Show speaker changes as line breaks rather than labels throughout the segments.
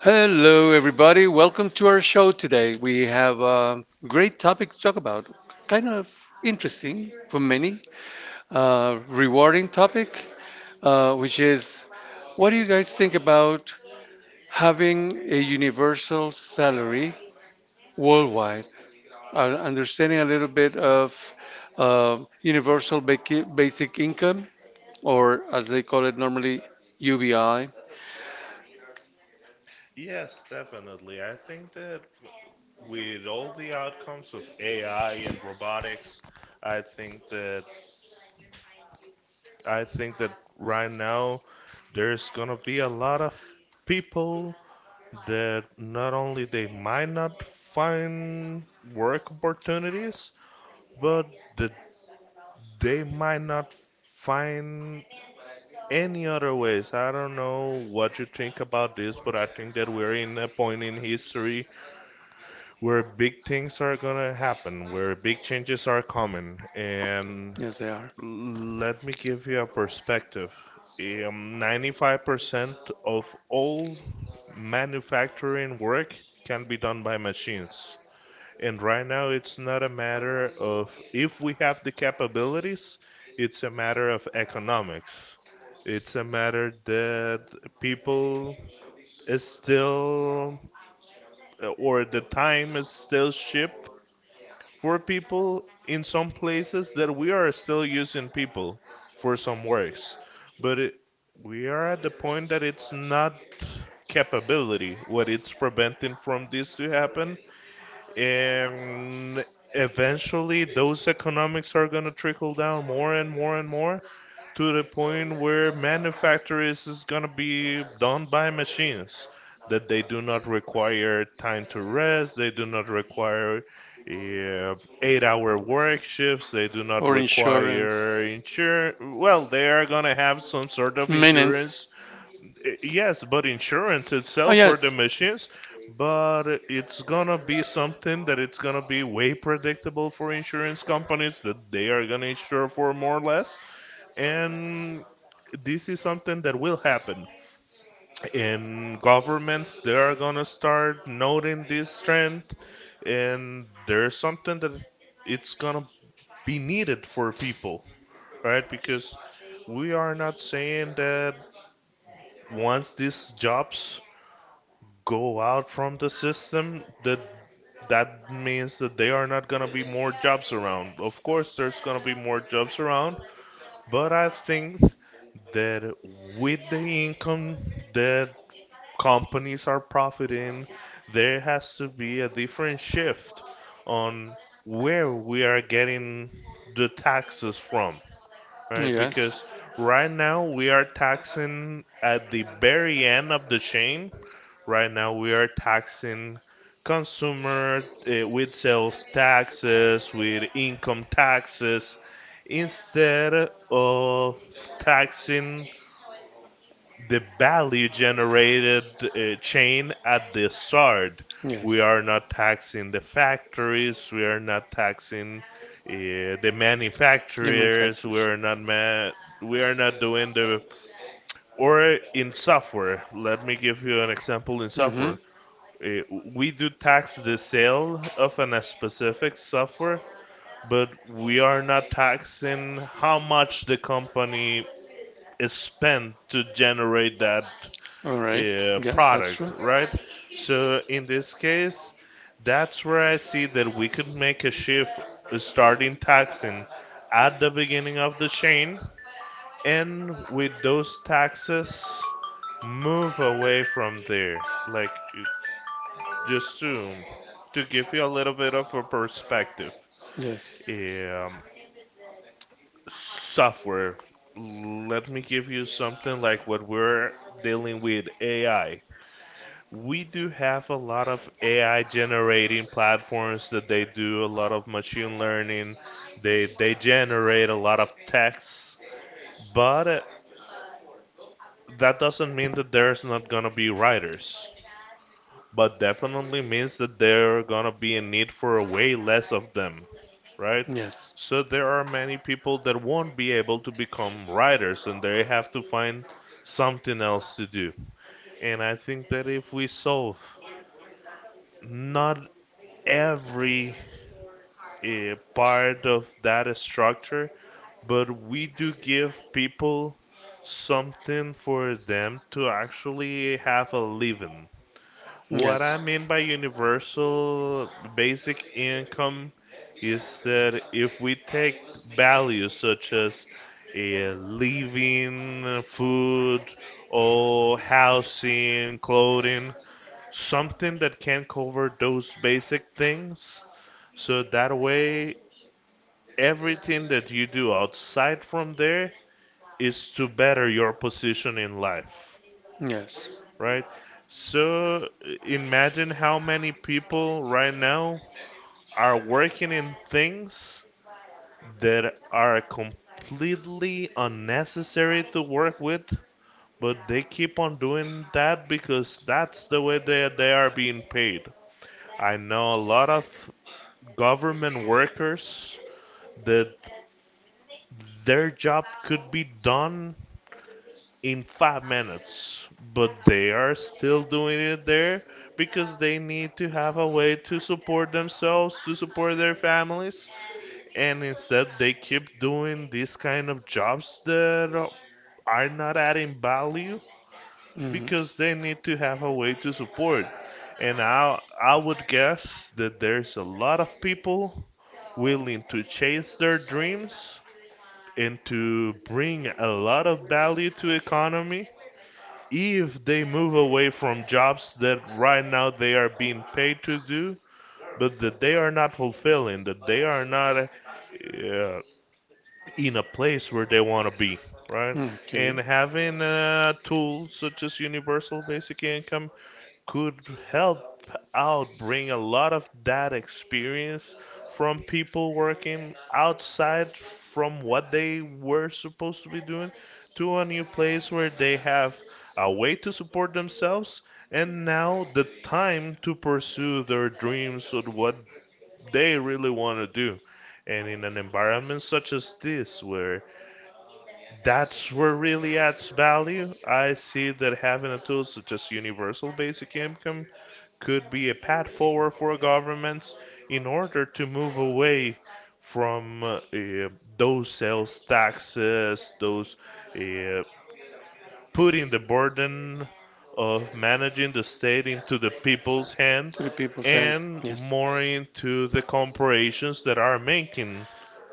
Hello, everybody. Welcome to our show today. We have a great topic to talk about. Kind of interesting for many, rewarding topic, which is what do you guys think about having a universal salary worldwide? Understanding a little bit of universal basic income, or as they call it normally, UBI.
Yes, definitely. I think that with all the outcomes of AI and robotics, I think that I think that right now there's gonna be a lot of people that not only they might not find work opportunities, but that they might not find any other ways. I don't know what you think about this, but I think that we're in a point in history where big things are gonna happen, where big changes are coming, and
Yes, they are.
let me give you a perspective. 95% of all manufacturing work can be done by machines. And right now, it's not a matter of if we have the capabilities, it's a matter of economics. It's a matter that people is still, or the time is still cheap for people in some places that we are still using people for some works, but it, we are at the point that it's not capability what it's preventing from this to happen, and eventually those economics are going to trickle down more and more and more, to the point where manufacturers is going to be done by machines that they do not require time to rest, they do not require uh, 8 hour work shifts, they do not
Or insurance.
require insurance. Well, they are going to have some sort of
Maintenance.
insurance. Yes, but insurance
Oh,
itself for the
yes.
machines, but it's gonna be something that it's gonna be way predictable for insurance companies, that they are gonna insure for more or less. And this is something that will happen, and governments, they are gonna start noting this trend. And there's something that it's gonna be needed for people, right? Because we are not saying that once these jobs go out from the system that that means that they are not gonna be more jobs around. Of course there's gonna be more jobs around. But I think that with the income that companies are profiting, there has to be a different shift on where we are getting the taxes from, right?
Yes.
Because right now we are taxing at the very end of the chain. Right now we are taxing consumer with sales taxes, with income taxes, instead of taxing the value generated chain at the start. We
Yes.
are not taxing the factories. We are not taxing uh, the
Human
manufacturers.
factors.
We are not doing the, or in software. Let me give you an example in software.
Mm-hmm.
Uh, we do tax the sale of a specific software, but we are not taxing how much the company is spent to generate that
All right. Yes, that's
product,
true.
right? So in this case, that's where I see that we could make a shift, starting taxing at the beginning of the chain, and with those taxes move away from there. Just to give you a little bit of a perspective.
Yes.
Um, Software. Let me give you something like what we're dealing with AI. We do have a lot of AI generating platforms that they do a lot of machine learning. They generate a lot of text, but that doesn't mean that there's not gonna be writers. But definitely means that there gonna be a need for way less of them, right?
Yes.
So there are many people that won't be able to become writers, and they have to find something else to do. And I think that if we solve not every a part of that structure, but we do give people something for them to actually have a living. What I
Yes.
mean by universal basic income is that if we take values such as living, food, or housing, clothing, something that can cover those basic things, so that way everything that you do outside from there is to better your position in life,
Yes.
right? So imagine how many people right now are working in things that are completely unnecessary to work with, but they keep on doing that because that's the way they are being paid. I know a lot of government workers that their job could be done in 5 minutes, but they are still doing it there because they need to have a way to support themselves, to support their families, and instead they keep doing these kind of jobs that are not adding value
hmm
because they need to have a way to support. And I would guess that there's a lot of people willing to chase their dreams and to bring a lot of value to economy if they move away from jobs that right now they are being paid to do, but that they are not fulfilling, that they are not in a place where they want to be, right? And
Okay.
having a tool such as universal basic income could help out bring a lot of that experience from people working outside from what they were supposed to be doing to a new place where they have a way to support themselves and now the time to pursue their dreams of what they really want to do. And in an environment such as this, where that's where really adds value. I see that having a tool such as universal basic income could be a path forward for governments in order to move away from those sales taxes, those uh, putting the burden of managing the state into the people's hand
To the people's hands.
and
Yes.
more into the corporations that are making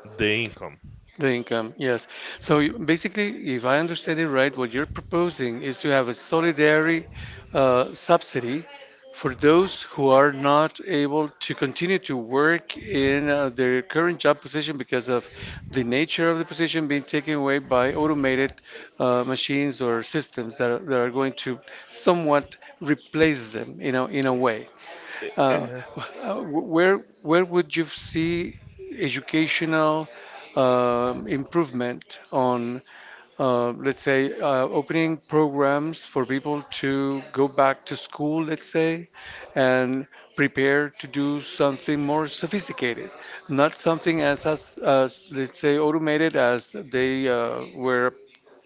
the income.
The income, yes. So basically, if I understand it right, what you're proposing is to have a solidary subsidy for those who are not able to continue to work in their current job position because of the nature of the position being taken away by automated machines or systems that are going to somewhat replace them, you know, in a way.
Eh,
Uh,
eh,
uh, where where would you see educational improvement on, let's say, opening programs for people to go back to school, let's say, and prepare to do something more sophisticated, not something as let's say automated as they were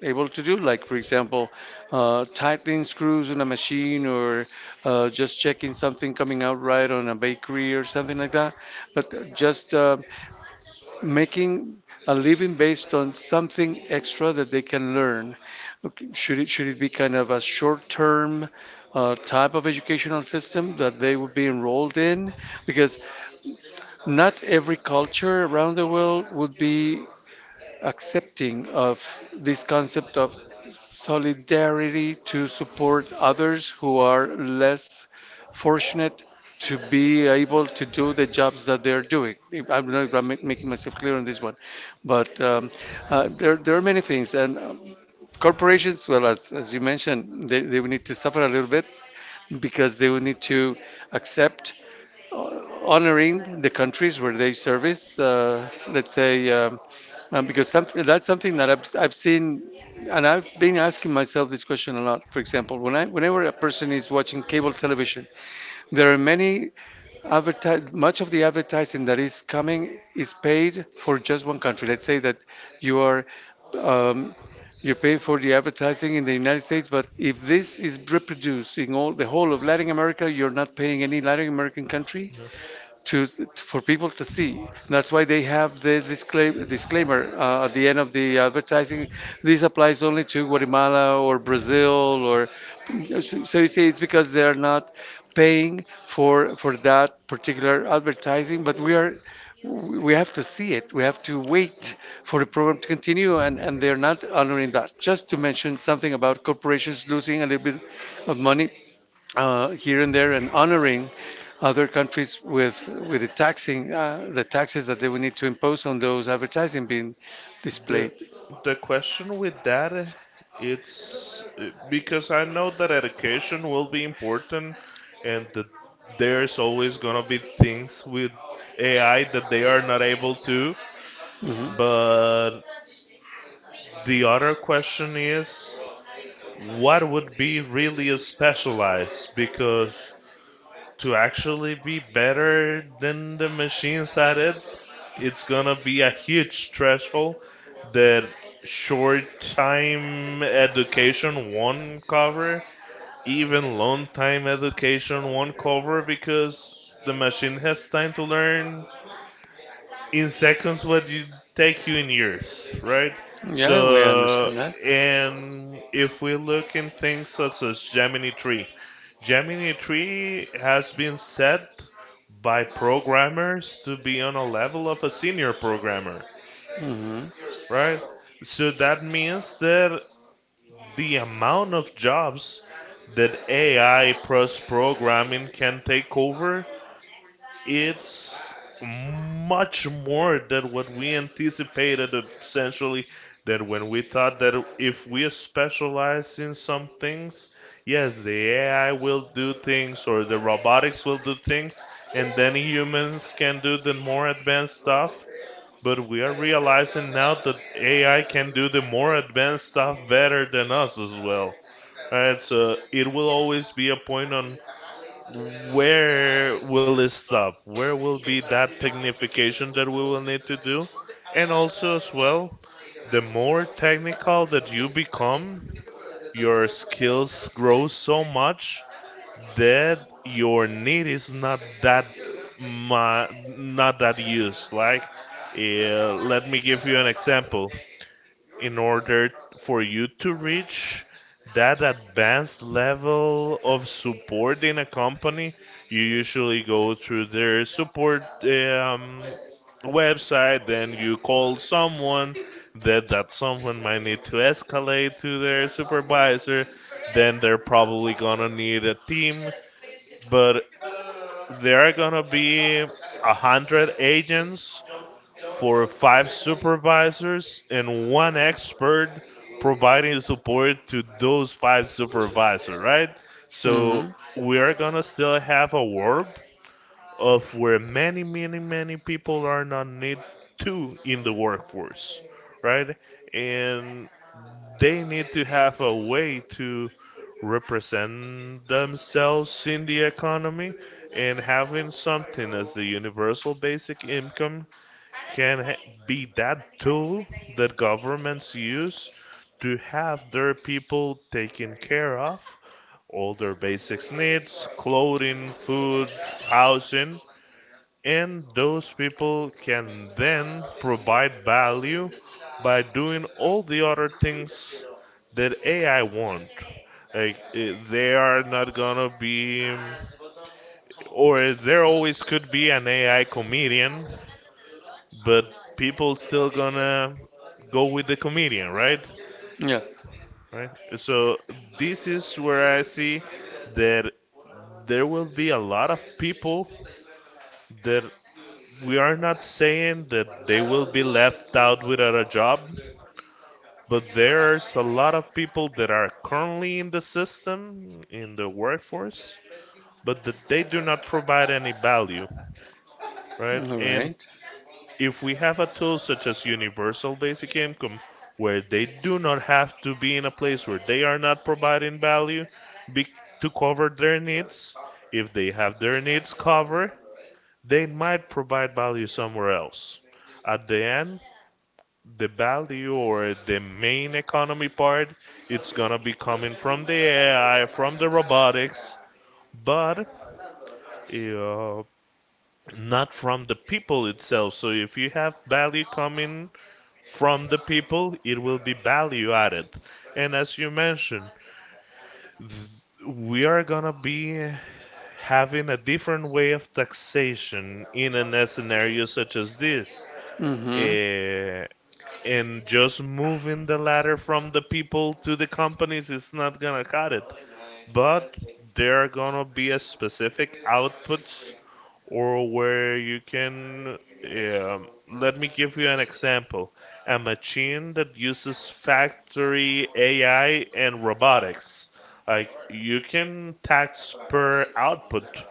able to do, like for example, tightening screws on a machine or just checking something coming out right on a bakery or something like that. But just making a living based on something extra that they can learn. Okay, should it be kind of a short-term type of educational system that they would be enrolled in? Because not every culture around the world would be accepting of this concept of solidarity to support others who are less fortunate to be able to do the jobs that they're doing. I don't know if I'm making myself clear on this one, but there are many things. And corporations, well, as you mentioned, they will need to suffer a little bit because they will need to accept honoring the countries where they service, let's say, because something that I've seen, and I've been asking myself this question a lot. For example, whenever a person is watching cable television, there are many advertise much of the advertising that is coming is paid for just one country. Let's say that you are um, you're paying for the advertising in the United States, but if this is reproduced in all the whole of Latin America, you're not paying any Latin American country
yeah.
to for people to see. That's why they have this disclaimer at the end of the advertising. This applies only to Guatemala or Brazil or so, so you see it's because they are not paying for that particular advertising, but we have to see it. We have to wait for the program to continue, and they're not honoring that. Just to mention something about corporations losing a little bit of money, here and there and honoring other countries with the taxing the taxes that they would need to impose on those advertising being
The
displayed.
the question with that it's because I know that education will be important and that there's always gonna be things with AI that they are not able to.
hmm
But the other question is what would be really a specialized, because to actually be better than the machines at it, it's gonna be a huge threshold that short time education won't cover, even long time education won't cover, because the machine has time to learn in seconds what you take you in years, right?
Yeah, we
So,
understand that.
and if we look in things such as Gemini 3, Gemini 3 has been set by programmers to be on a level of a senior programmer,
Hmm
right? So that means that the amount of jobs that AI plus programming can take over, it's much more than what we anticipated, essentially, that when we thought that if we specialize in some things, yes, the AI will do things or the robotics will do things and then humans can do the more advanced stuff. But we are realizing now that AI can do the more advanced stuff better than us as well. Right, so it will always be a point on where will it stop? Where will be that technification that we will need to do? And also as well, the more technical that you become, your skills grow so much that your need is not that not that used. Like, let me give you an example. In order for you to reach that advanced level of support in a company, you usually go through their support website, then you call someone. That someone might need to escalate to their supervisor, then they're probably gonna need a team, but there are gonna be 100 agents for five supervisors and one expert providing support to those five supervisors, right? So
hmm
we are gonna still have a world of where many, many, many people are not need to in the workforce, right? And they need to have a way to represent themselves in the economy, and having something as the universal basic income can ha- be that tool that governments use to have their people taken care of all their basic needs, clothing, food, housing, and those people can then provide value by doing all the other things that AI want. Like eh, they are not gonna be, or there always could be an AI comedian, but people still gonna go with the comedian, right?
Yeah.
Right. So this is where I see that there will be a lot of people that we are not saying that they will be left out without a job, but there's a lot of people that are currently in the system, in the workforce, but that they do not provide any value, right?
All
And
right.
if we have a tool such as universal basic income, where they do not have to be in a place where they are not providing value be- to cover their needs, if they have their needs covered, they might provide value somewhere else. At the end, the value or the main economy part, it's gonna be coming from the AI, from the robotics, but uh, not from the people itself. So if you have value coming from the people, it will be value added. And as you mentioned, th- we are gonna be having a different way of taxation in a scenario such as this.
Mm-hmm.
Uh, and just moving the ladder from the people to the companies is not gonna cut it. But there are gonna be a specific outputs or where you can. Um, Let me give you an example. A machine that uses factory AI and robotics. Like you can tax per output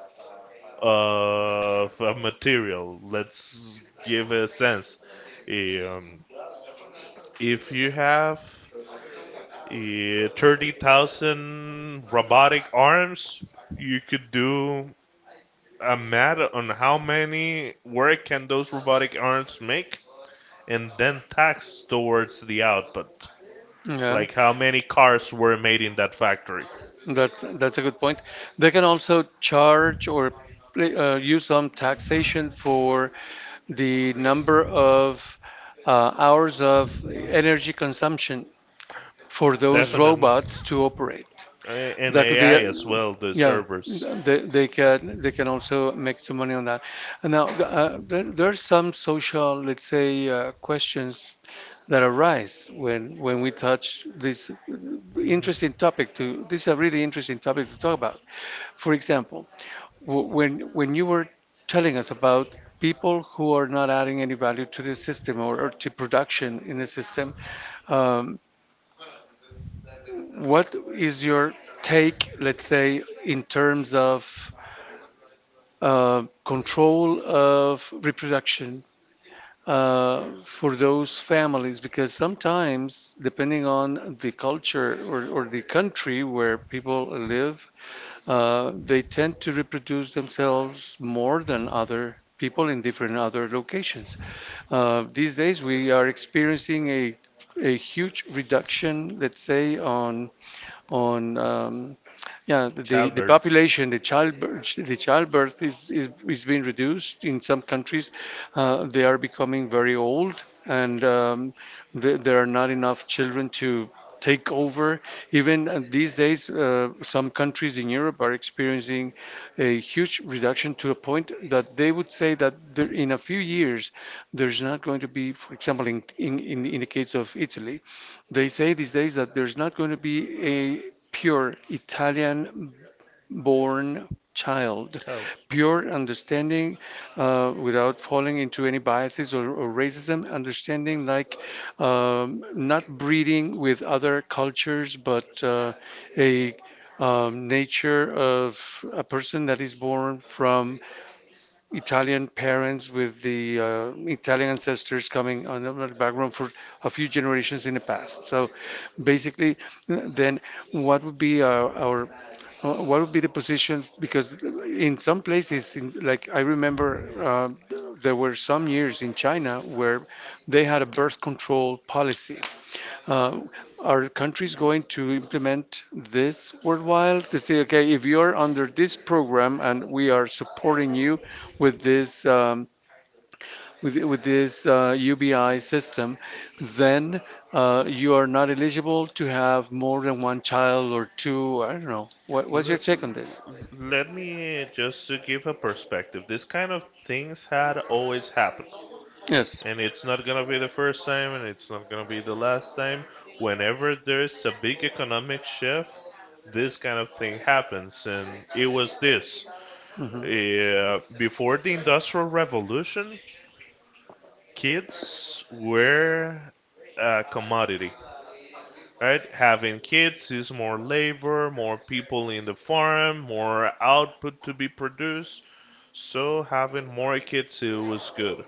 of a material. Let's give a sense. Um, if you have 30,000 robotic arms, you could do a math on how many work can those robotic arms make and then tax towards the output.
Yeah.
Like how many cars were made in that factory.
That's a good point. They can also charge, or use some taxation for the number of hours of energy consumption for those
Definitely.
robots to operate.
And
That could be,
AI
a,
as well, the
Yeah,
servers.
they can they can also make some money on that. And now there are some social, let's say, questions that arise when we touch this
Hmm.
interesting topic. To this is a really interesting topic to talk about. For example when you were telling us about people who are not adding any value to the system or to production in the system, um, what is your take, let's say, in terms of control of reproduction for those families? Because sometimes, depending on the culture or the country where people live, they tend to reproduce themselves more than other people in different other locations. These days, we are experiencing a huge reduction, let's say, on yeah, the
Childbirths.
population, the childbirth is being reduced in some countries. They are becoming very old, and th there are not enough children to take over. Even these days, some countries in Europe are experiencing a huge reduction to a point that they would say that there, in a few years, there's not going to be, for example, in the case of Italy, they say these days that there's not going to be a pure Italian-born child,
Child.
pure understanding without falling into any biases or racism, understanding like not breeding with other cultures, but a nature of a person that is born from Italian parents with the Italian ancestors coming on the background for a few generations in the past. So basically, then what would be our what would be the position? Because in some places, like I remember, there were some years in China where they had a birth control policy uh, are countries going to implement this worthwhile to say, okay, if you're under this program and we are supporting you with this UBI system, then you are not eligible to have more than one child or two. I don't know. What's your
L-
take on
l-
this?
Let me just to give a perspective. This kind of things had always happened.
Yes.
And it's not gonna be the first time and it's not gonna be the last time. Whenever there's a big economic shift, this kind of thing happens. And it was this.
hmm
Before the Industrial Revolution, kids were a commodity. Right? Having kids is more labor, more people in the farm, more output to be produced. So having more kids it was good.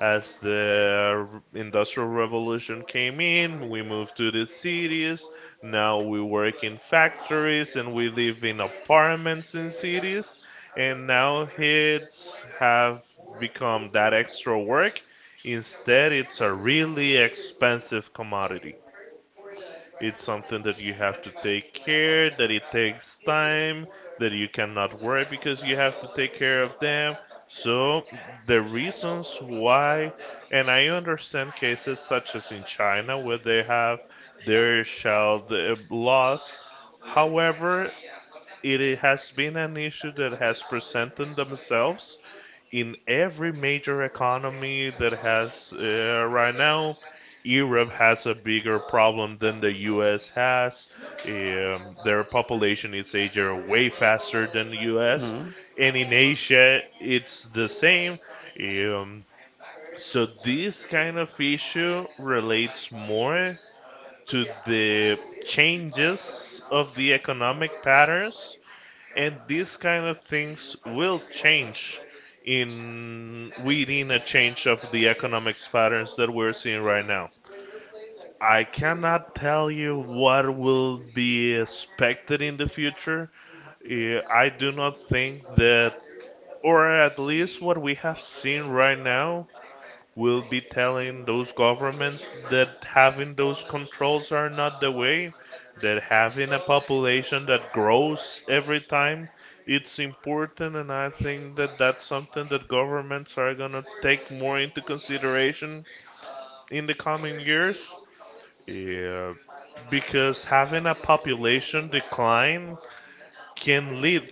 As the industrial revolution came in, we moved to the cities. Now we work in factories and we live in apartments in cities. And now kids have become that extra work. Instead, it's a really expensive commodity. It's something that you have to take care, that it takes time, that you cannot work because you have to take care of them. So the reasons why, and I understand cases such as in China where they have their child laws. However, it has been an issue that has presented themselves in every major economy that has right now. Europe has a bigger problem than the U.S. has. Their population is aging way faster than the U.S. And in Asia, it's the same. Um, so this kind of issue relates more to the changes of the economic patterns and these kind of things will change in within a change of the economics patterns that we're seeing right now. I cannot tell you what will be expected in the future. I do not think that, or at least what we have seen right now, will be telling those governments that having those controls are not the way, that having a population that grows every time, it's important, and I think that that's something that governments are going to take more into consideration in the coming years. Yeah, because having a population decline can lead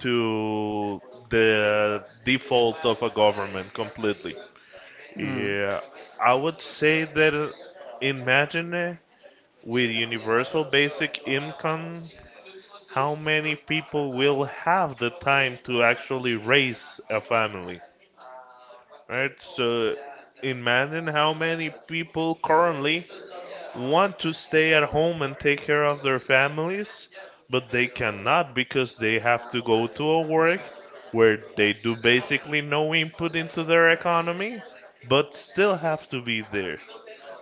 to the default of a government completely.
hmm hmm
Yeah, I would say that imagine with universal basic income, how many people will have the time to actually raise a family, right? So imagine how many people currently want to stay at home and take care of their families, but they cannot because they have to go to a work where they do basically no input into their economy, but still have to be there.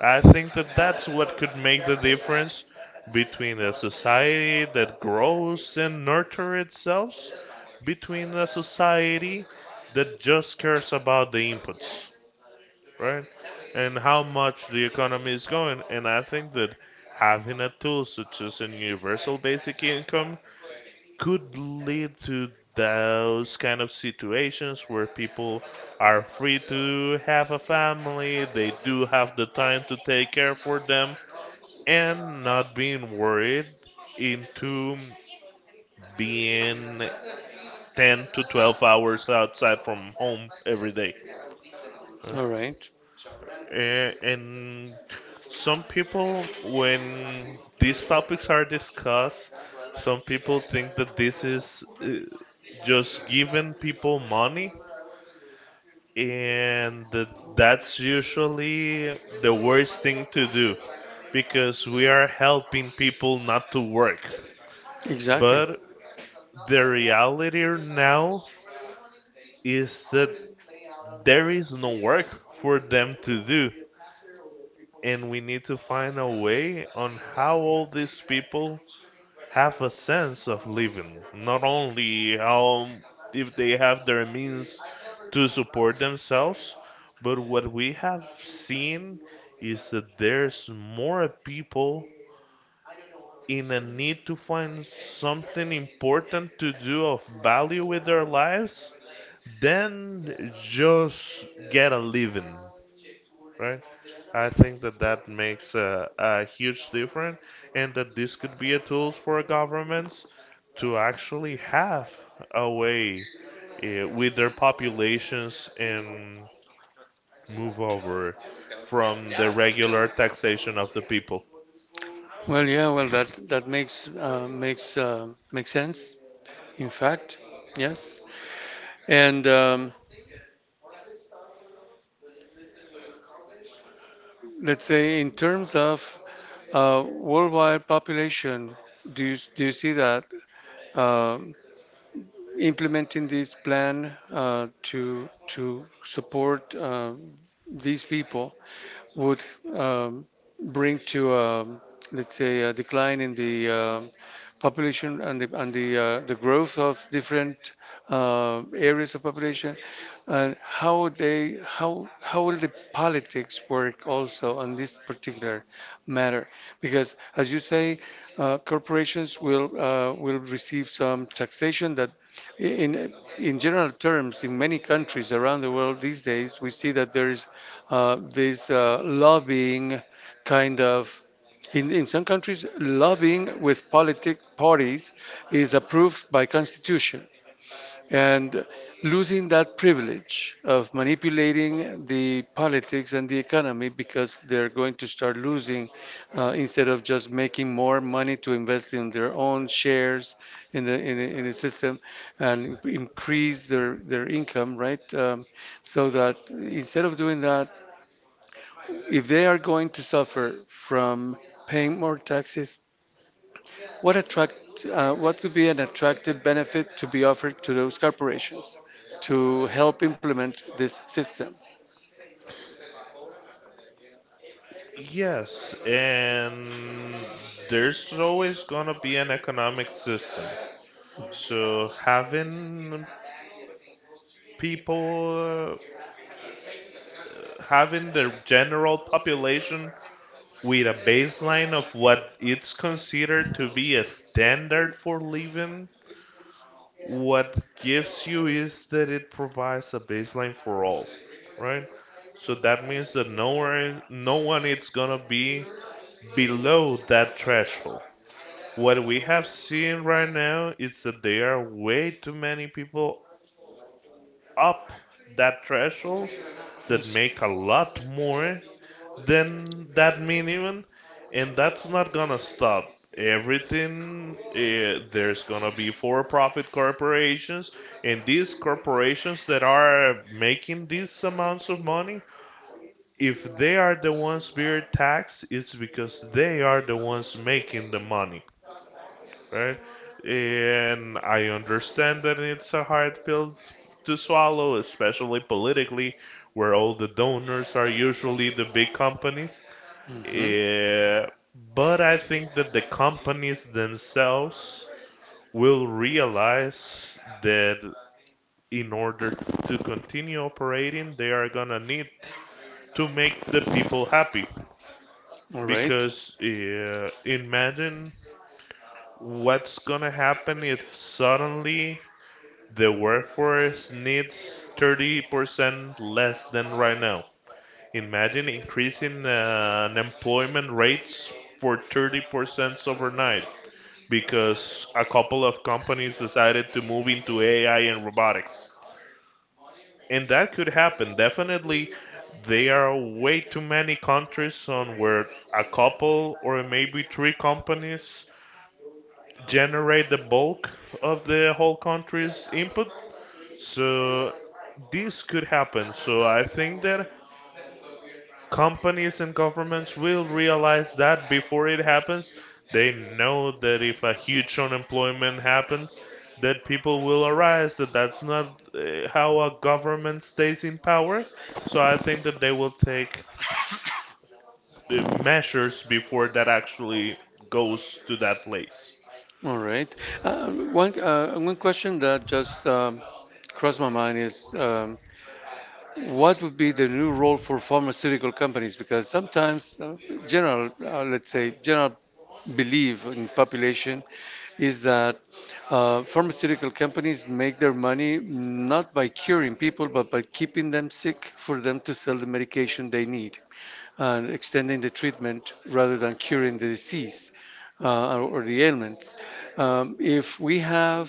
I think that that's what could make the difference between a society that grows and nurtures itself, between a society that just cares about the inputs, right? And how much the economy is going. And I think that having a tool such as a universal basic income could lead to those kind of situations where people are free to have a family, they do have the time to take care for them, and not being worried into being 10 to 12 hours outside from home every day. Uh,
All right.
And some people, when these topics are discussed, some people think that this is just giving people money, and that that's usually the worst thing to do because we are helping people not to work.
Exactly.
But the reality now is that there is no work for them to do. And we need to find a way on how all these people have a sense of living, not only how if they have their means to support themselves, but what we have seen is that there's more people in a need to find something important to do of value with their lives than just get a living, right? I think that that makes a huge difference, and that this could be a tool for governments to actually have a way with their populations and move over from the regular taxation of the people.
Well, yeah. Well, that that makes makes sense. In fact, yes. And let's say in terms of worldwide population, do you see that um implementing this plan to support these people would um, bring to let's say a decline in the um, population and the growth of different areas of population and how will the politics work also on this particular matter because as you say corporations will receive some taxation that in in general terms in many countries around the world these days we see that there is this lobbying kind of in some countries, lobbying with politic parties is approved by constitution, and losing that privilege of manipulating the politics and the economy because they're going to start losing instead of just making more money to invest in their own shares in the system and increase their income, right? So that instead of doing that, if they are going to suffer from paying more taxes what attract what could be an attractive benefit to be offered to those corporations to help implement this system?
Yes, and there's always gonna be an economic system. So having people, having the general population with a baseline of what it's considered to be a standard for living, what gives you is that it provides a baseline for all, right? So that means that no one is gonna be below that threshold. What we have seen right now is that there are way too many people up that threshold that make a lot more then that minimum, and that's not gonna stop. Everything there's gonna be for-profit corporations, and these corporations that are making these amounts of money, if they are the ones being taxed, it's because they are the ones making the money, right? And I understand that it's a hard pill s- to swallow, especially politically, where all the donors are usually the big companies.
Hmm
Eh, but I think that the companies themselves will realize that in order to continue operating, they are gonna need to make the people happy.
All right.
Because imagine what's gonna happen if suddenly the workforce needs 30% less than right now. Imagine increasing unemployment rates for 30% overnight, because a couple of companies decided to move into AI and robotics. And that could happen. Definitely, there are way too many countries on where a couple or maybe three companies generate the bulk of the whole country's input. So this could happen. So I think that companies and governments will realize that before it happens. They know that if a huge unemployment happens, that people will arise, that that's not how a government stays in power. So I think that they will take the measures before that actually goes to that place.
All right. Uh, one question that just crossed my mind is what would be the new role for pharmaceutical companies? Because sometimes let's say, general belief in population is that pharmaceutical companies make their money not by curing people, but by keeping them sick for them to sell the medication they need and extending the treatment rather than curing the disease or the ailments. If we have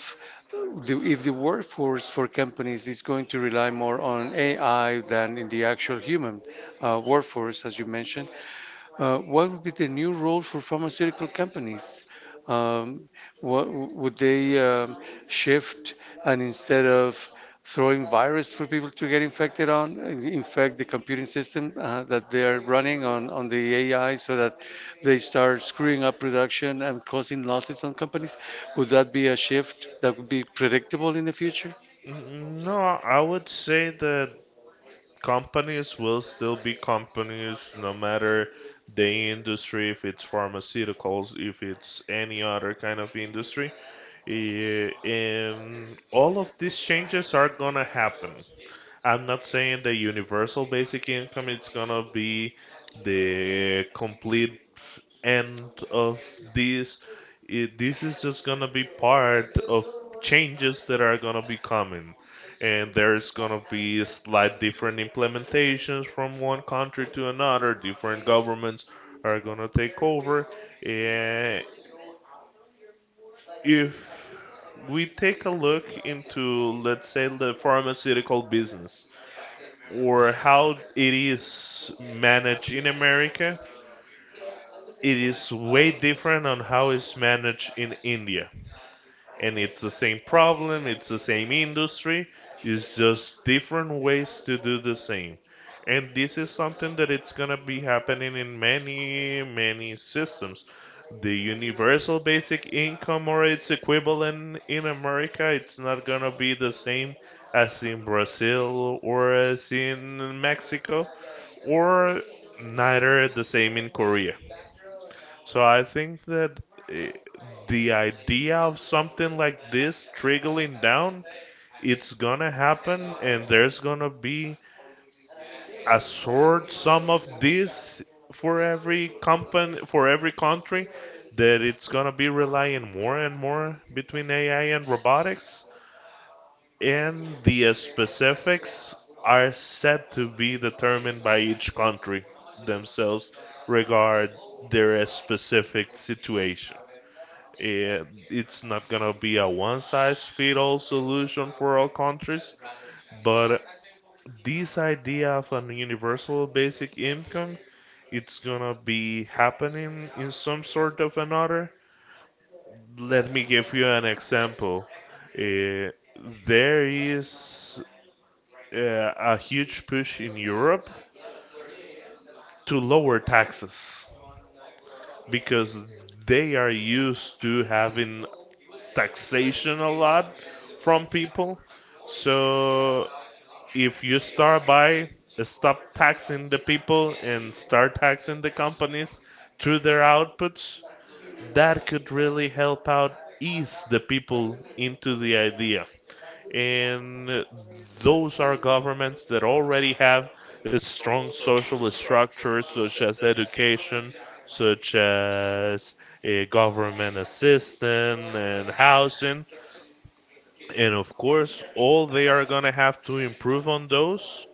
if the workforce for companies is going to rely more on AI than in the actual human workforce, as you mentioned, what would be the new role for pharmaceutical companies? Um, what would they shift and instead of throwing virus for people to get infected on, infect the computing system that they are running on the AI so that they start screwing up production and causing losses on companies? Would that be a shift that would be predictable in the future?
No, I would say that companies will still be companies no matter the industry, if it's pharmaceuticals, if it's any other kind of industry. And all of these changes are gonna happen. I'm not saying the universal basic income is gonna be the complete end of this. This is just gonna be part of changes that are gonna be coming, and there's gonna be slight different implementations from one country to another. Different governments are gonna take over, and if we take a look into, let's say, the pharmaceutical business or how it is managed in America, it is way different on how it's managed in India and it's the same problem, it's the same industry, it's just different ways to do the same. And this is something that it's gonna be happening in many, many systems. The universal basic income or its equivalent in America, it's not gonna be the same as in Brazil or as in Mexico, or neither the same in Korea. So I think that eh, the idea of something like this trickling down, it's gonna happen, and there's gonna be a sort sum of this for every company, for every country, that it's gonna be relying more and more between AI and robotics, and the specifics are said to be determined by each country themselves regard their specific situation. And it's not gonna be a one size fit all solution for all countries, but this idea of an universal basic income it's gonna be happening in some sort of another. Let me give you an example. Uh, there is a huge push in Europe to lower taxes because they are used to having taxation a lot from people. So if you start by stop taxing the people and start taxing the companies through their outputs, that could really help out ease the people into the idea. And those are governments that already have a strong social structure, such as education, such as a government assistance and housing and of course, all they are going to have to improve on those,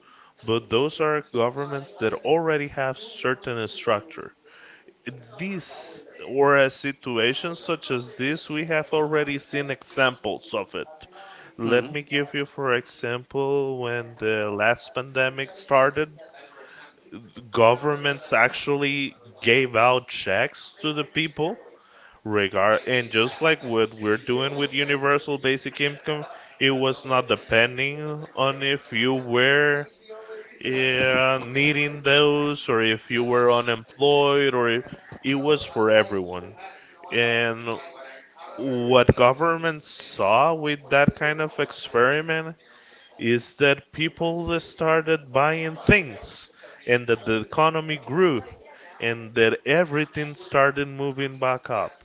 but those are governments that already have certain structure. This or a situation such as this, we have already seen examples of it. Let
Hmm
me give you, for example, when the last pandemic started, governments actually gave out checks to the people regard. And just like what we're doing with universal basic income, it was not depending on if you were needing those or if you were unemployed or if, it was for everyone. And what government saw with that kind of experiment is that people started buying things and that the economy grew and that everything started moving back up.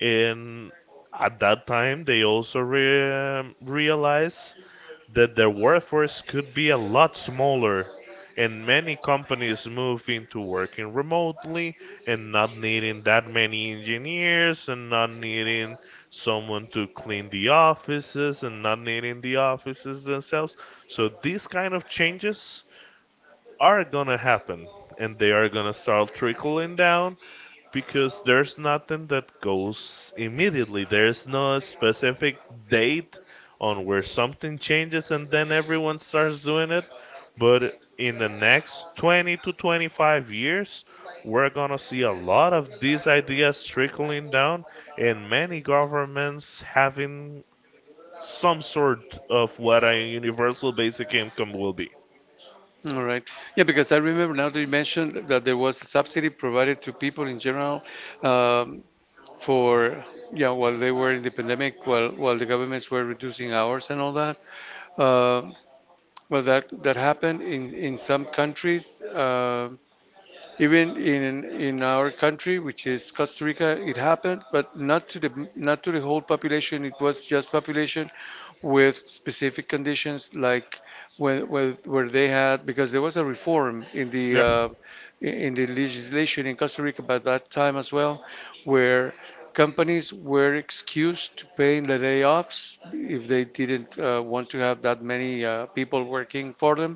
And at that time, they also realized that their workforce could be a lot smaller and many companies move into working remotely and not needing that many engineers and not needing someone to clean the offices and not needing the offices themselves. So these kind of changes are gonna happen, and they are gonna start trickling down because there's nothing that goes immediately. There's no specific date on where something changes and then everyone starts doing it. But in the next 20 to 25 years, we're gonna see a lot of these ideas trickling down and many governments having some sort of what a universal basic income will be.
All right. Yeah, because I remember now that you mentioned that there was a subsidy provided to people in general um, for, yeah, while they were in the pandemic, while the governments were reducing hours and all that. Uh, well, that that happened in some countries, even in our country, which is Costa Rica, it happened, but not to the whole population. It was just population with specific conditions like where they had because there was a reform
Yeah,
in the legislation in Costa Rica by that time as well, where companies were excused to paying the layoffs if they didn't want to have that many people working for them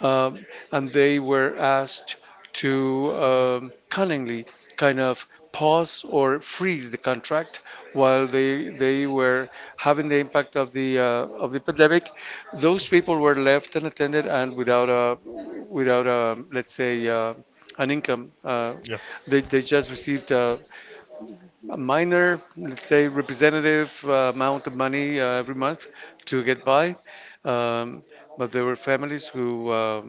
um, and they were asked to cunningly kind of pause or freeze the contract while they were having the impact of the pandemic. Those people were left unattended and without a let's say an income.
yeah.
They just received a minor, let's say, representative amount of money every month to get by. Um, but there were families who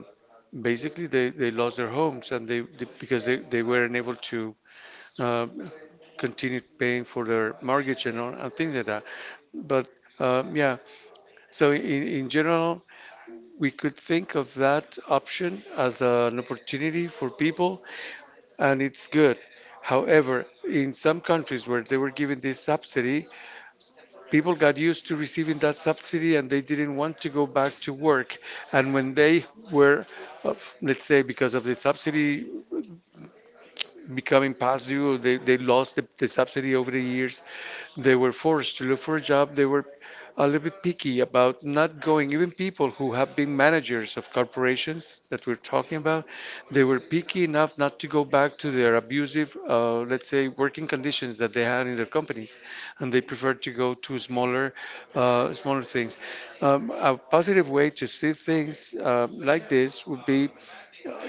basically they lost their homes, and because they weren't able to uh, continue paying for their mortgage and, all, and things like that. But yeah, so in general we could think of that option as an opportunity for people, and it's good. However, in some countries where they were given this subsidy, people got used to receiving that subsidy, and they didn't want to go back to work. And when they were, uh, let's say, because of the subsidy becoming past due, they lost the subsidy over the years. They were forced to look for a job. They were a little bit picky about not going. Even people who have been managers of corporations that we're talking about, they were picky enough not to go back to their abusive, let's say, working conditions that they had in their companies, and they preferred to go to smaller things. A positive way to see things like this would be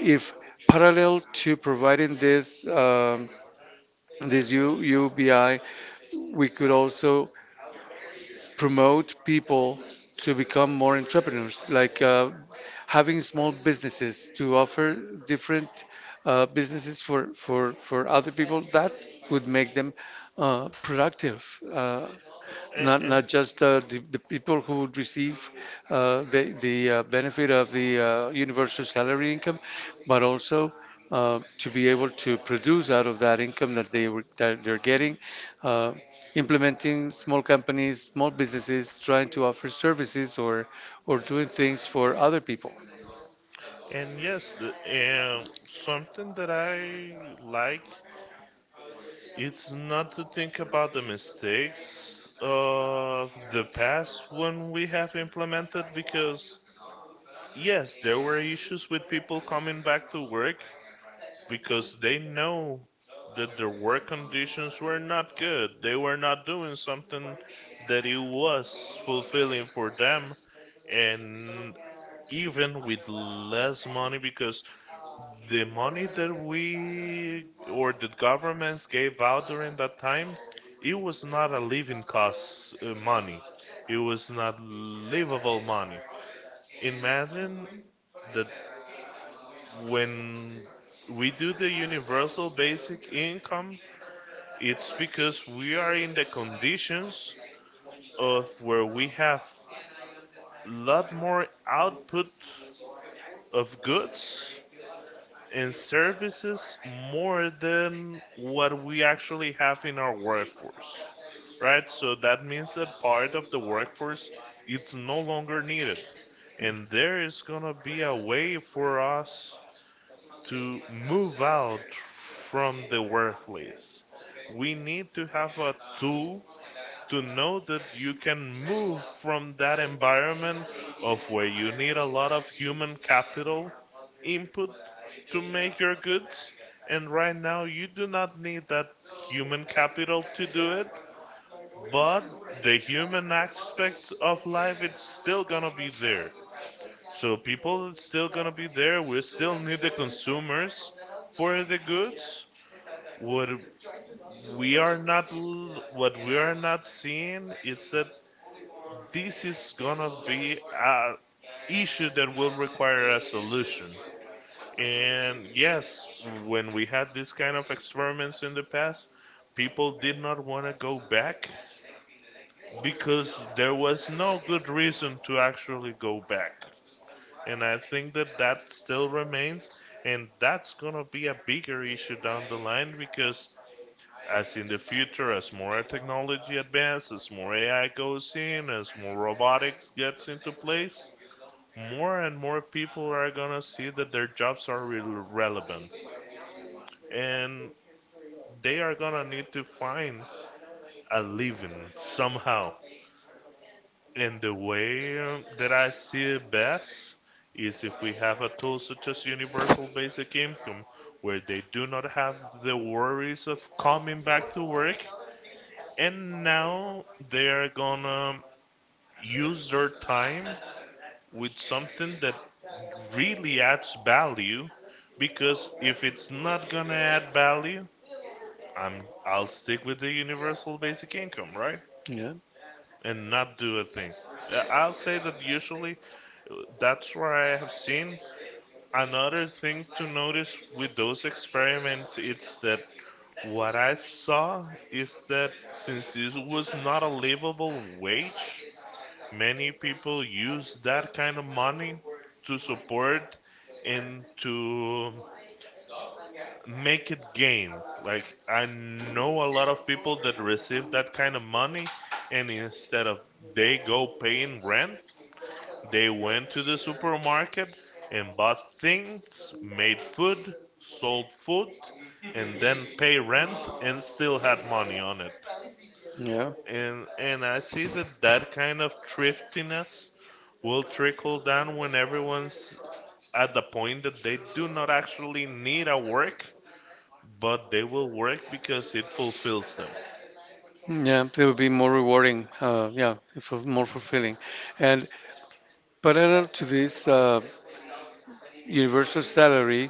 if, parallel to providing this, UBI, we could also promote people to become more entrepreneurs, like, having small businesses to offer different businesses for other people that would make them productive.
And,
Not
and
not just
not.
the people who would receive the benefit of the universal salary income, but also to be able to produce out of that income that they're getting, uh, implementing small companies, small businesses, trying to offer services or doing things for other people.
And yes, something that I like. It's not to think about the mistakes of the past when we have implemented, because yes, there were issues with people coming back to work because they know that their work conditions were not good. They were not doing something that it was fulfilling for them, and even with less money, because the money that we or the governments gave out during that time, it was not a living cost money. It was not livable money. Imagine that when we do the universal basic income, it's because we are in the conditions of where we have lot more output of goods and services, more than what we actually have in our workforce, right? So that means that part of the workforce, it's no longer needed, and there is gonna be a way for us to move out from the workplace. We need to have a tool to know that you can move from that environment of where you need a lot of human capital input to make your goods, and right now you do not need that human capital to do it. But the human aspect of life, it's still gonna be there, so people are still gonna be there. We still need the consumers for the goods. what what we are not seeing is that this is gonna be a issue that will require a solution. And yes, when we had this kind of experiments in the past, people did not want to go back because there was no good reason to actually go back. And I think that that still remains, and that's gonna be a bigger issue down the line because as in the future, as more technology advances, more AI goes in, as more robotics gets into place, more and more people are gonna see that their jobs are relevant, and they are gonna need to find a living somehow. And the way, that I see it best is if we have a tool such as universal basic income where they do not have the worries of coming back to work, and now they are gonna use their time with something that really adds value, because if it's not gonna add value, I'll stick with the universal basic income, right?
Yeah,
And not do a thing. I'll say that usually, that's where I have seen another thing to notice with those experiments. It's that what I saw is that since this was not a livable wage, many people use that kind of money to support and to make it gain. Like, I know a lot of people that receive that kind of money, and instead of they go paying rent, they went to the supermarket and bought things, made food, sold food, and then pay rent and still had money on it.
yeah.
And I see that that kind of thriftiness will trickle down when everyone's at the point that they do not actually need a work, but they will work because it fulfills them.
Yeah, it would be more rewarding. Yeah, for, more fulfilling. And parallel to this universal salary,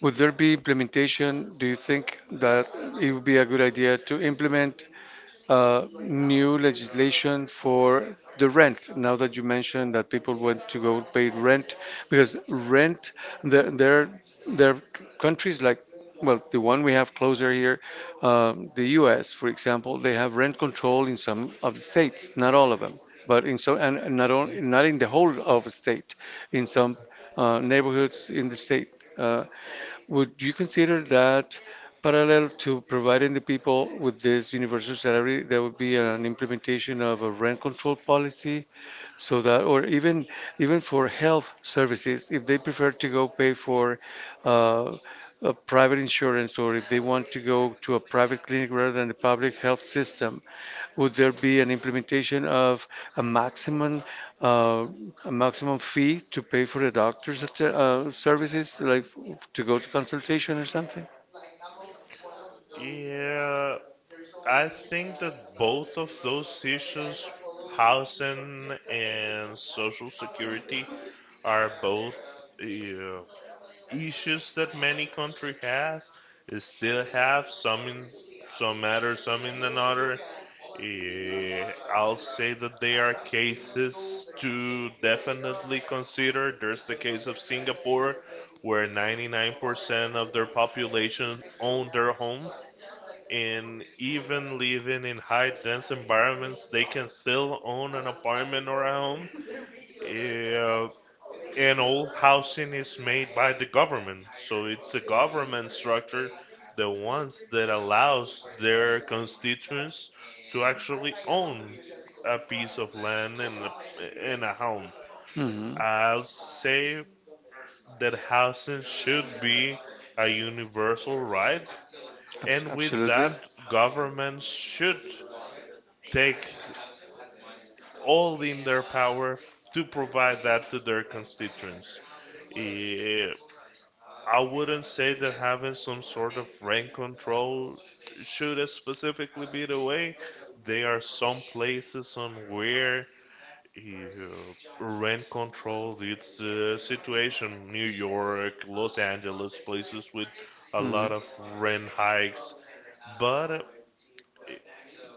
would there be implementation? Do you think that it would be a good idea to implement new legislation for the rent? Now that you mentioned that people want to go pay rent, because rent, there, there, there are countries like, well, the one we have closer here, the U.S., for example, they have rent control in some of the states, not all of them, but in so, and not
Mm.
only, not in the whole of the state, in some neighborhoods in the state. Uh, would you consider that, parallel to providing the people with this universal salary, there would be an implementation of a rent control policy, so that, or even for health services, if they prefer to go pay for uh, a private insurance, or if they want to go to a private clinic rather than the public health system, would there be an implementation of a maximum, uh, fee to pay for the doctor's services, like to go to consultation or something?
Yeah, I think that both of those issues, housing and social security, are both. Uh, Issues that many country has is still have some in some matter, some in another. I'll say that there are cases to definitely consider. There's the case of Singapore, where 99% of their population own their home, and even living in high dense environments they can still own an apartment or a home. Eh, and all housing is made by the government. So it's a government structure, the ones that allows their constituents to actually own a piece of land and a home.
Hmm.
I'll say that housing should be a universal right, and with
Absolutely.
that, governments should take all in their power to provide that to their constituents. Eh, I wouldn't say that having some sort of rent control should specifically be the way. There are some places on where uh, rent control it's the situation. New York, Los Angeles, places with a
Hmm.
lot of rent hikes, but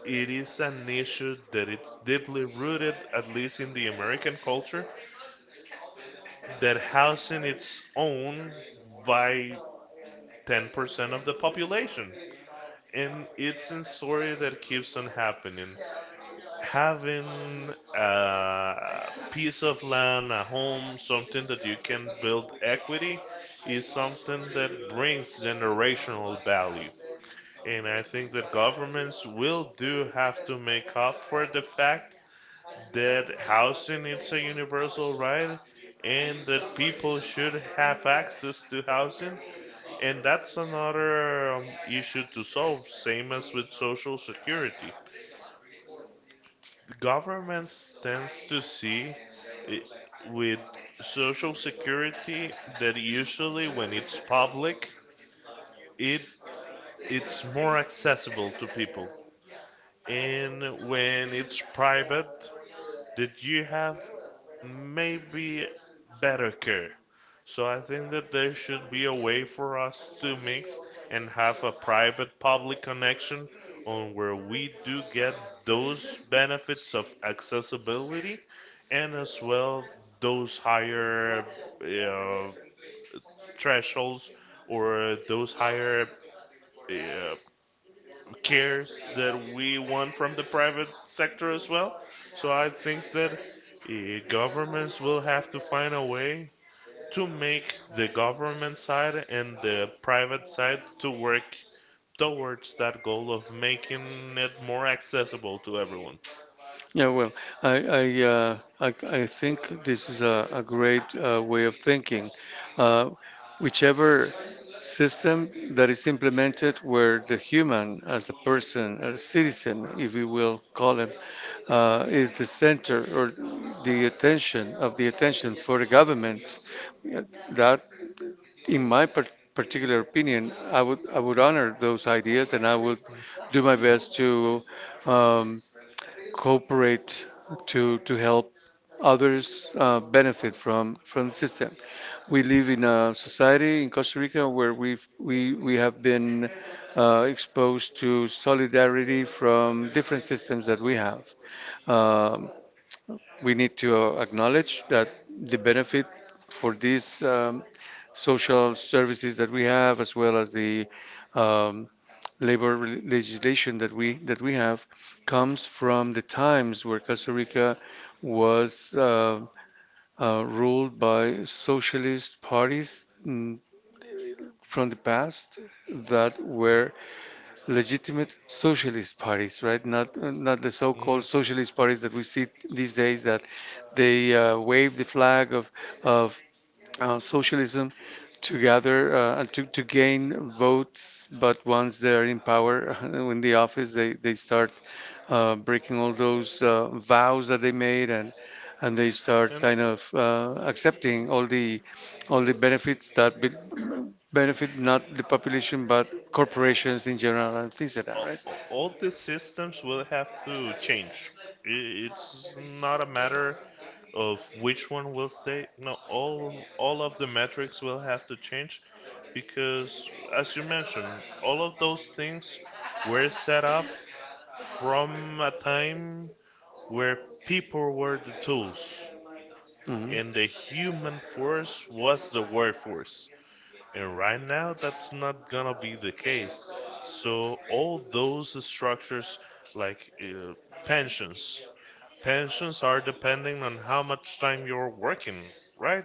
it is an issue that it's deeply rooted, at least in the American culture, that housing it's owned by 10% of the population. And it's a story that keeps on happening. Having a piece of land, a home, something that you can build equity is something that brings generational value. And I think that governments will do have to make up for the fact that housing is a universal right and that people should have access to housing, and that's another issue to solve, same as with Social Security. Governments tends to see i- with Social Security that usually when it's public, it it's more accessible to people. And when it's private, did you have maybe better care? So I think that there should be a way for us to mix and have a private public connection on where we do get those benefits of accessibility, and as well those higher uh, thresholds or those higher uh, cares that we want from the private sector as well. So I think that governments will have to find a way to make the government side and the private side to work towards that goal of making it more accessible to everyone.
Yeah, well, I I, uh, I I think this is a great way of thinking. Uh, Whichever system that is implemented, where the human as a person, a citizen, if we will call him, is the center or the attention of the attention for the government. That, in my particular opinion, I would honor those ideas, and I would do my best to um, cooperate to help others benefit from the system. We live in a society in Costa Rica where we have been exposed to solidarity from different systems that we have. Um, we need to acknowledge that the benefit for these social services that we have, as well as the um, legislation that we have, comes from the times where Costa Rica was ruled by socialist parties, from the past, that were legitimate socialist parties, right? Not the
Mm.
so-called socialist parties that we see these days, that they wave the flag of socialism to gather, and to gain votes, but once they're in power in the office, they start breaking all those vows that they made, and they start
And
kind of accepting all the benefits that be, benefit not the population but corporations in general and things like that, right?
all, all these systems will have to change. It's not a matter of which one will stay. No, all of the metrics will have to change because, as you mentioned, all of those things were set up from a time where people were the tools
Hmm.
and the human force was the workforce. And right now, that's not gonna be the case. So all those structures, like, pensions, pensions are depending on how much time you're working, right?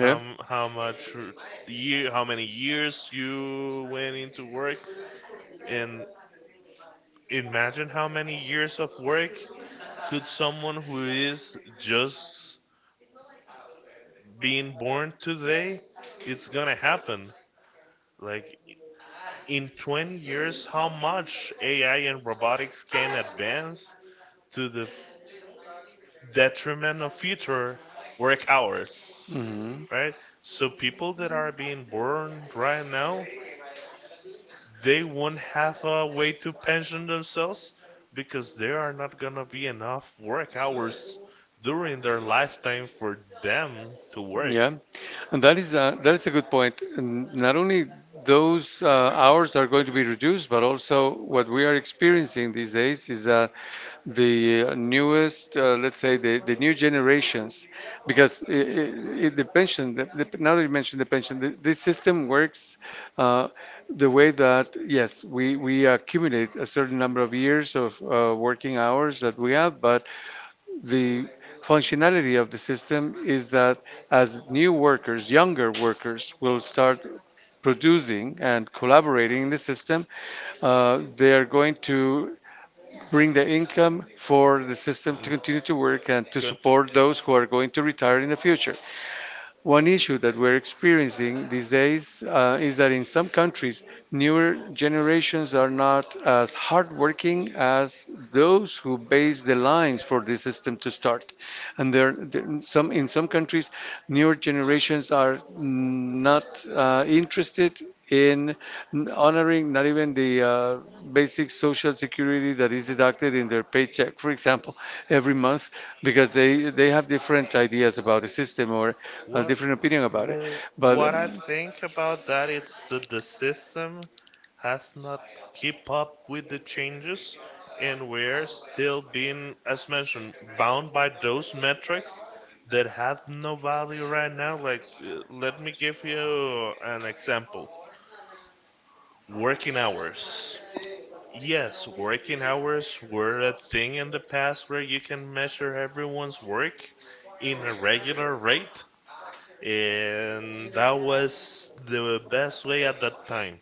How m- how much r- year, how many years you went into work, and imagine how many years of work could someone who is just being born today, it's gonna happen. Like, in 20 years how much AI and robotics can advance to the detriment of future work hours,
Hmm.
right? So people that are being born right now, they won't have a way to pension themselves because there are not gonna be enough work hours during their lifetime for them to work.
Yeah. And that is that is a good point. And not only those hours are going to be reduced, but also what we are experiencing these days is that the newest, let's say, the new generations, because I the pension, now that you mentioned the pension, this system works uh, the way that, yes, we accumulate a certain number of years of working hours that we have, but the functionality of the system is that as new workers, younger workers, will start producing and collaborating in the system, they are going to bring the income for the system to
Mm,
continue to work and to
Going to
support those who are going to retire in the future. One issue that we're experiencing these days is that in some countries, newer generations are not as hardworking as those who base the lines for the system to start. And some in some countries, newer generations are not interested in honoring not even the basic social security that is deducted in their paycheck, for example, every month, because they have different ideas about the system, or a
What
different opinion about it.
well,
But
what I think about that it's that the system has not keep up with the changes, and we're still being, as mentioned, bound by those metrics that have no value right now. Like, let me give you an example. Working hours. Yes, working hours were a thing in the past where you can measure everyone's work in a regular rate, and that was the best way at that time.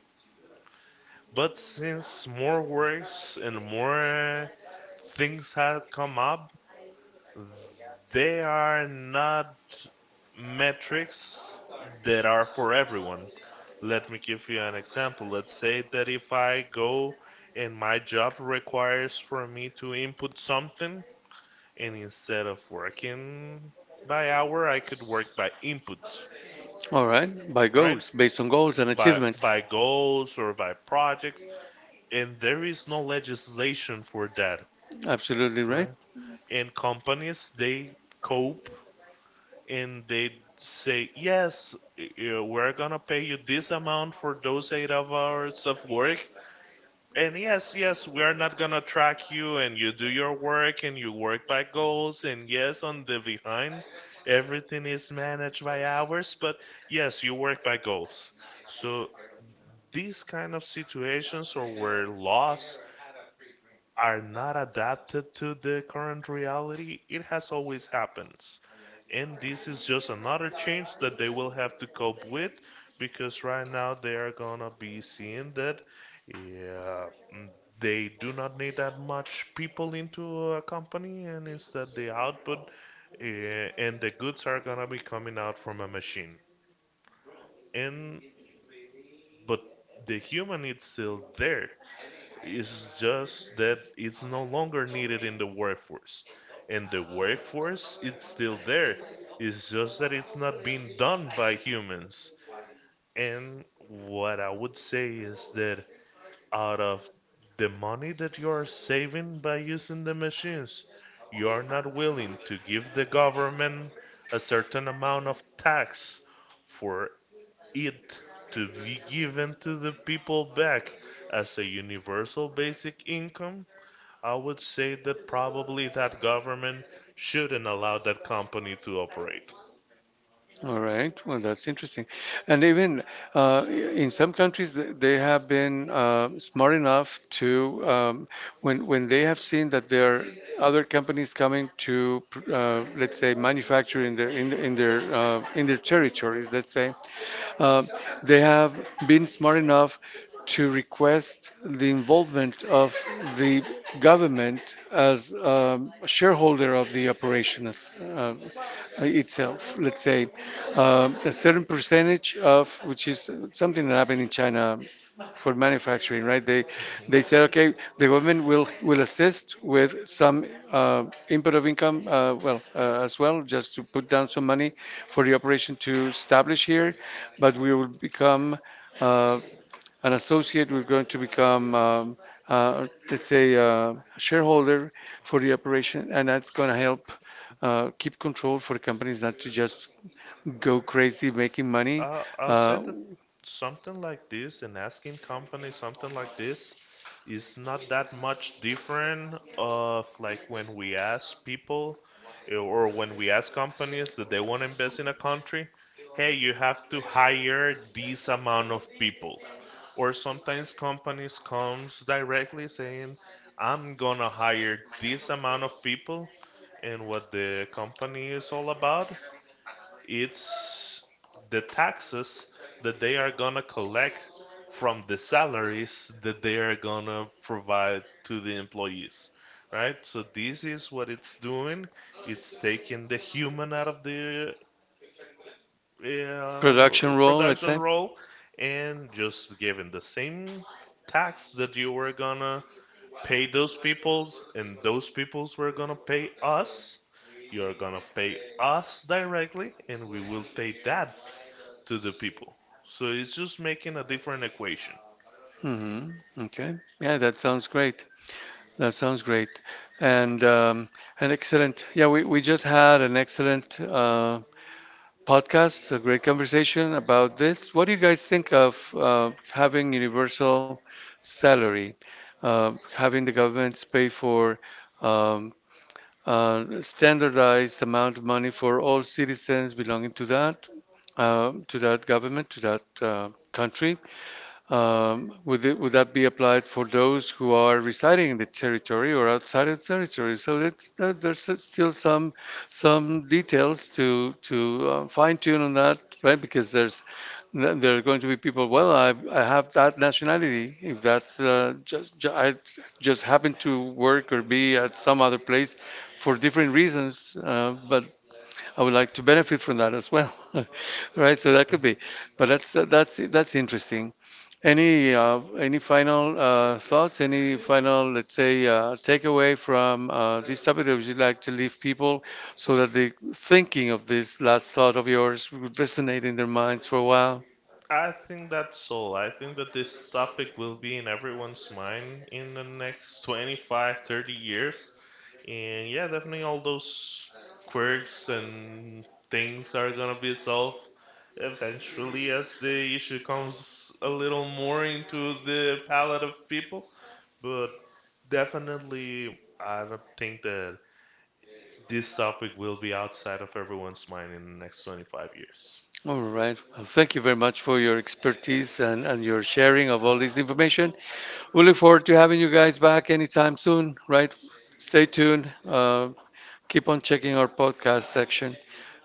But since more works and more things had come up, they are not metrics that are for everyone. Let me give you an example. Let's say that if I go and my job requires for me to input something, and instead of working by hour, I could work by input,
all right, by
right?
goals, based on goals and
by
achievements.
by goals or by projects. And there is no legislation for that,
Absolutely right.
right? And companies, they cope and they say, yes, we're gonna pay you this amount for those eight of hours of work, and yes, yes, we're not gonna track you, and you do your work and you work by goals. And yes, on the behind, everything is managed by hours, but yes, you work by goals. So these kind of situations or where laws are not adapted to the current reality, it has always happened. And this is just another change that they will have to cope with, because right now they are gonna be seeing that, yeah, mm, they do not need that much people into a company, and instead the output, and the goods are gonna be coming out from a machine. And but the human is still there. It's just that it's no longer needed in the workforce. And the workforce, it's still there. It's just that it's not being done by humans. And what I would say is that out of the money that you are saving by using the machines, you are not willing to give the government a certain amount of tax for it to be given to the people back as a universal basic income, I would say that probably that government shouldn't allow that company to operate.
All right. Well, that's interesting. And even in some countries, they have been smart enough to, when they have seen that there are other companies coming to let's say, manufacture in their territories, let's say. Uh, they have been smart enough to request the involvement of the government as, a shareholder of the operation as, itself. Let's say a certain percentage of, which is something that happened in China for manufacturing, right? They said, okay, the government will assist with some input of income, well, as well, just to put down some money for the operation to establish here, but we will become uh, an associate. We're going to become let's say, a shareholder for the operation, and that's going to help keep control for companies not to just go crazy making money,
I'll say
uh,
that something like this, an asking company, something like this, is not that much different of like when we ask people, or when we ask companies that they want to invest in a country, hey, you have to hire this amount of people. Or sometimes companies comes directly saying, I'm gonna hire this amount of people, and what the company is all about, it's the taxes that they are gonna collect from the salaries that they are gonna provide to the employees, right? So this is what it's doing. It's taking the human out of the
production role, let's
production
say.
role and just giving the same tax that you were gonna pay those peoples and those peoples were gonna pay us, you're gonna pay us directly, and we will pay that to the people. So it's just making a different equation.
Hmm. Okay. Yeah, that sounds great. That sounds great. And an excellent. Yeah, we just had an excellent podcast, a great conversation about this. What do you guys think of having universal salary, having the governments pay for um, standardized amount of money for all citizens belonging to that government, to that country? Would would that be applied for those who are residing in the territory or outside of the territory? So there's still some details to fine tune on that, right? Because there are going to be people. Well, I have that nationality. If that's just ju- I just happen to work or be at some other place for different reasons, but I would like to benefit from that as well, right? So that could be. But that's interesting. Any final thoughts? Any final, let's say, takeaway from this topic that would you like to leave people, so that the thinking of this last thought of yours would resonate in their minds for a while?
I think that's all. I think that this topic will be in everyone's mind in the next 25, 30 years. And yeah, definitely all those quirks and things are gonna be solved eventually as the issue comes a little more into the palette of people. But definitely, I don't think that this topic will be outside of everyone's mind in the next 25 years.
All right. Well, thank you very much for your expertise and your sharing of all this information. We look forward to having you guys back anytime soon, right? Stay tuned. Keep on checking our podcast section.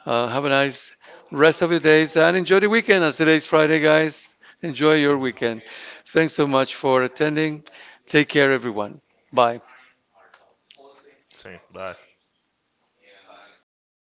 Have a nice rest of your days and enjoy the weekend. As today's Friday, guys, enjoy
So.
your weekend. Thanks so much for attending. Take care, everyone. Bye.
Same. Bye.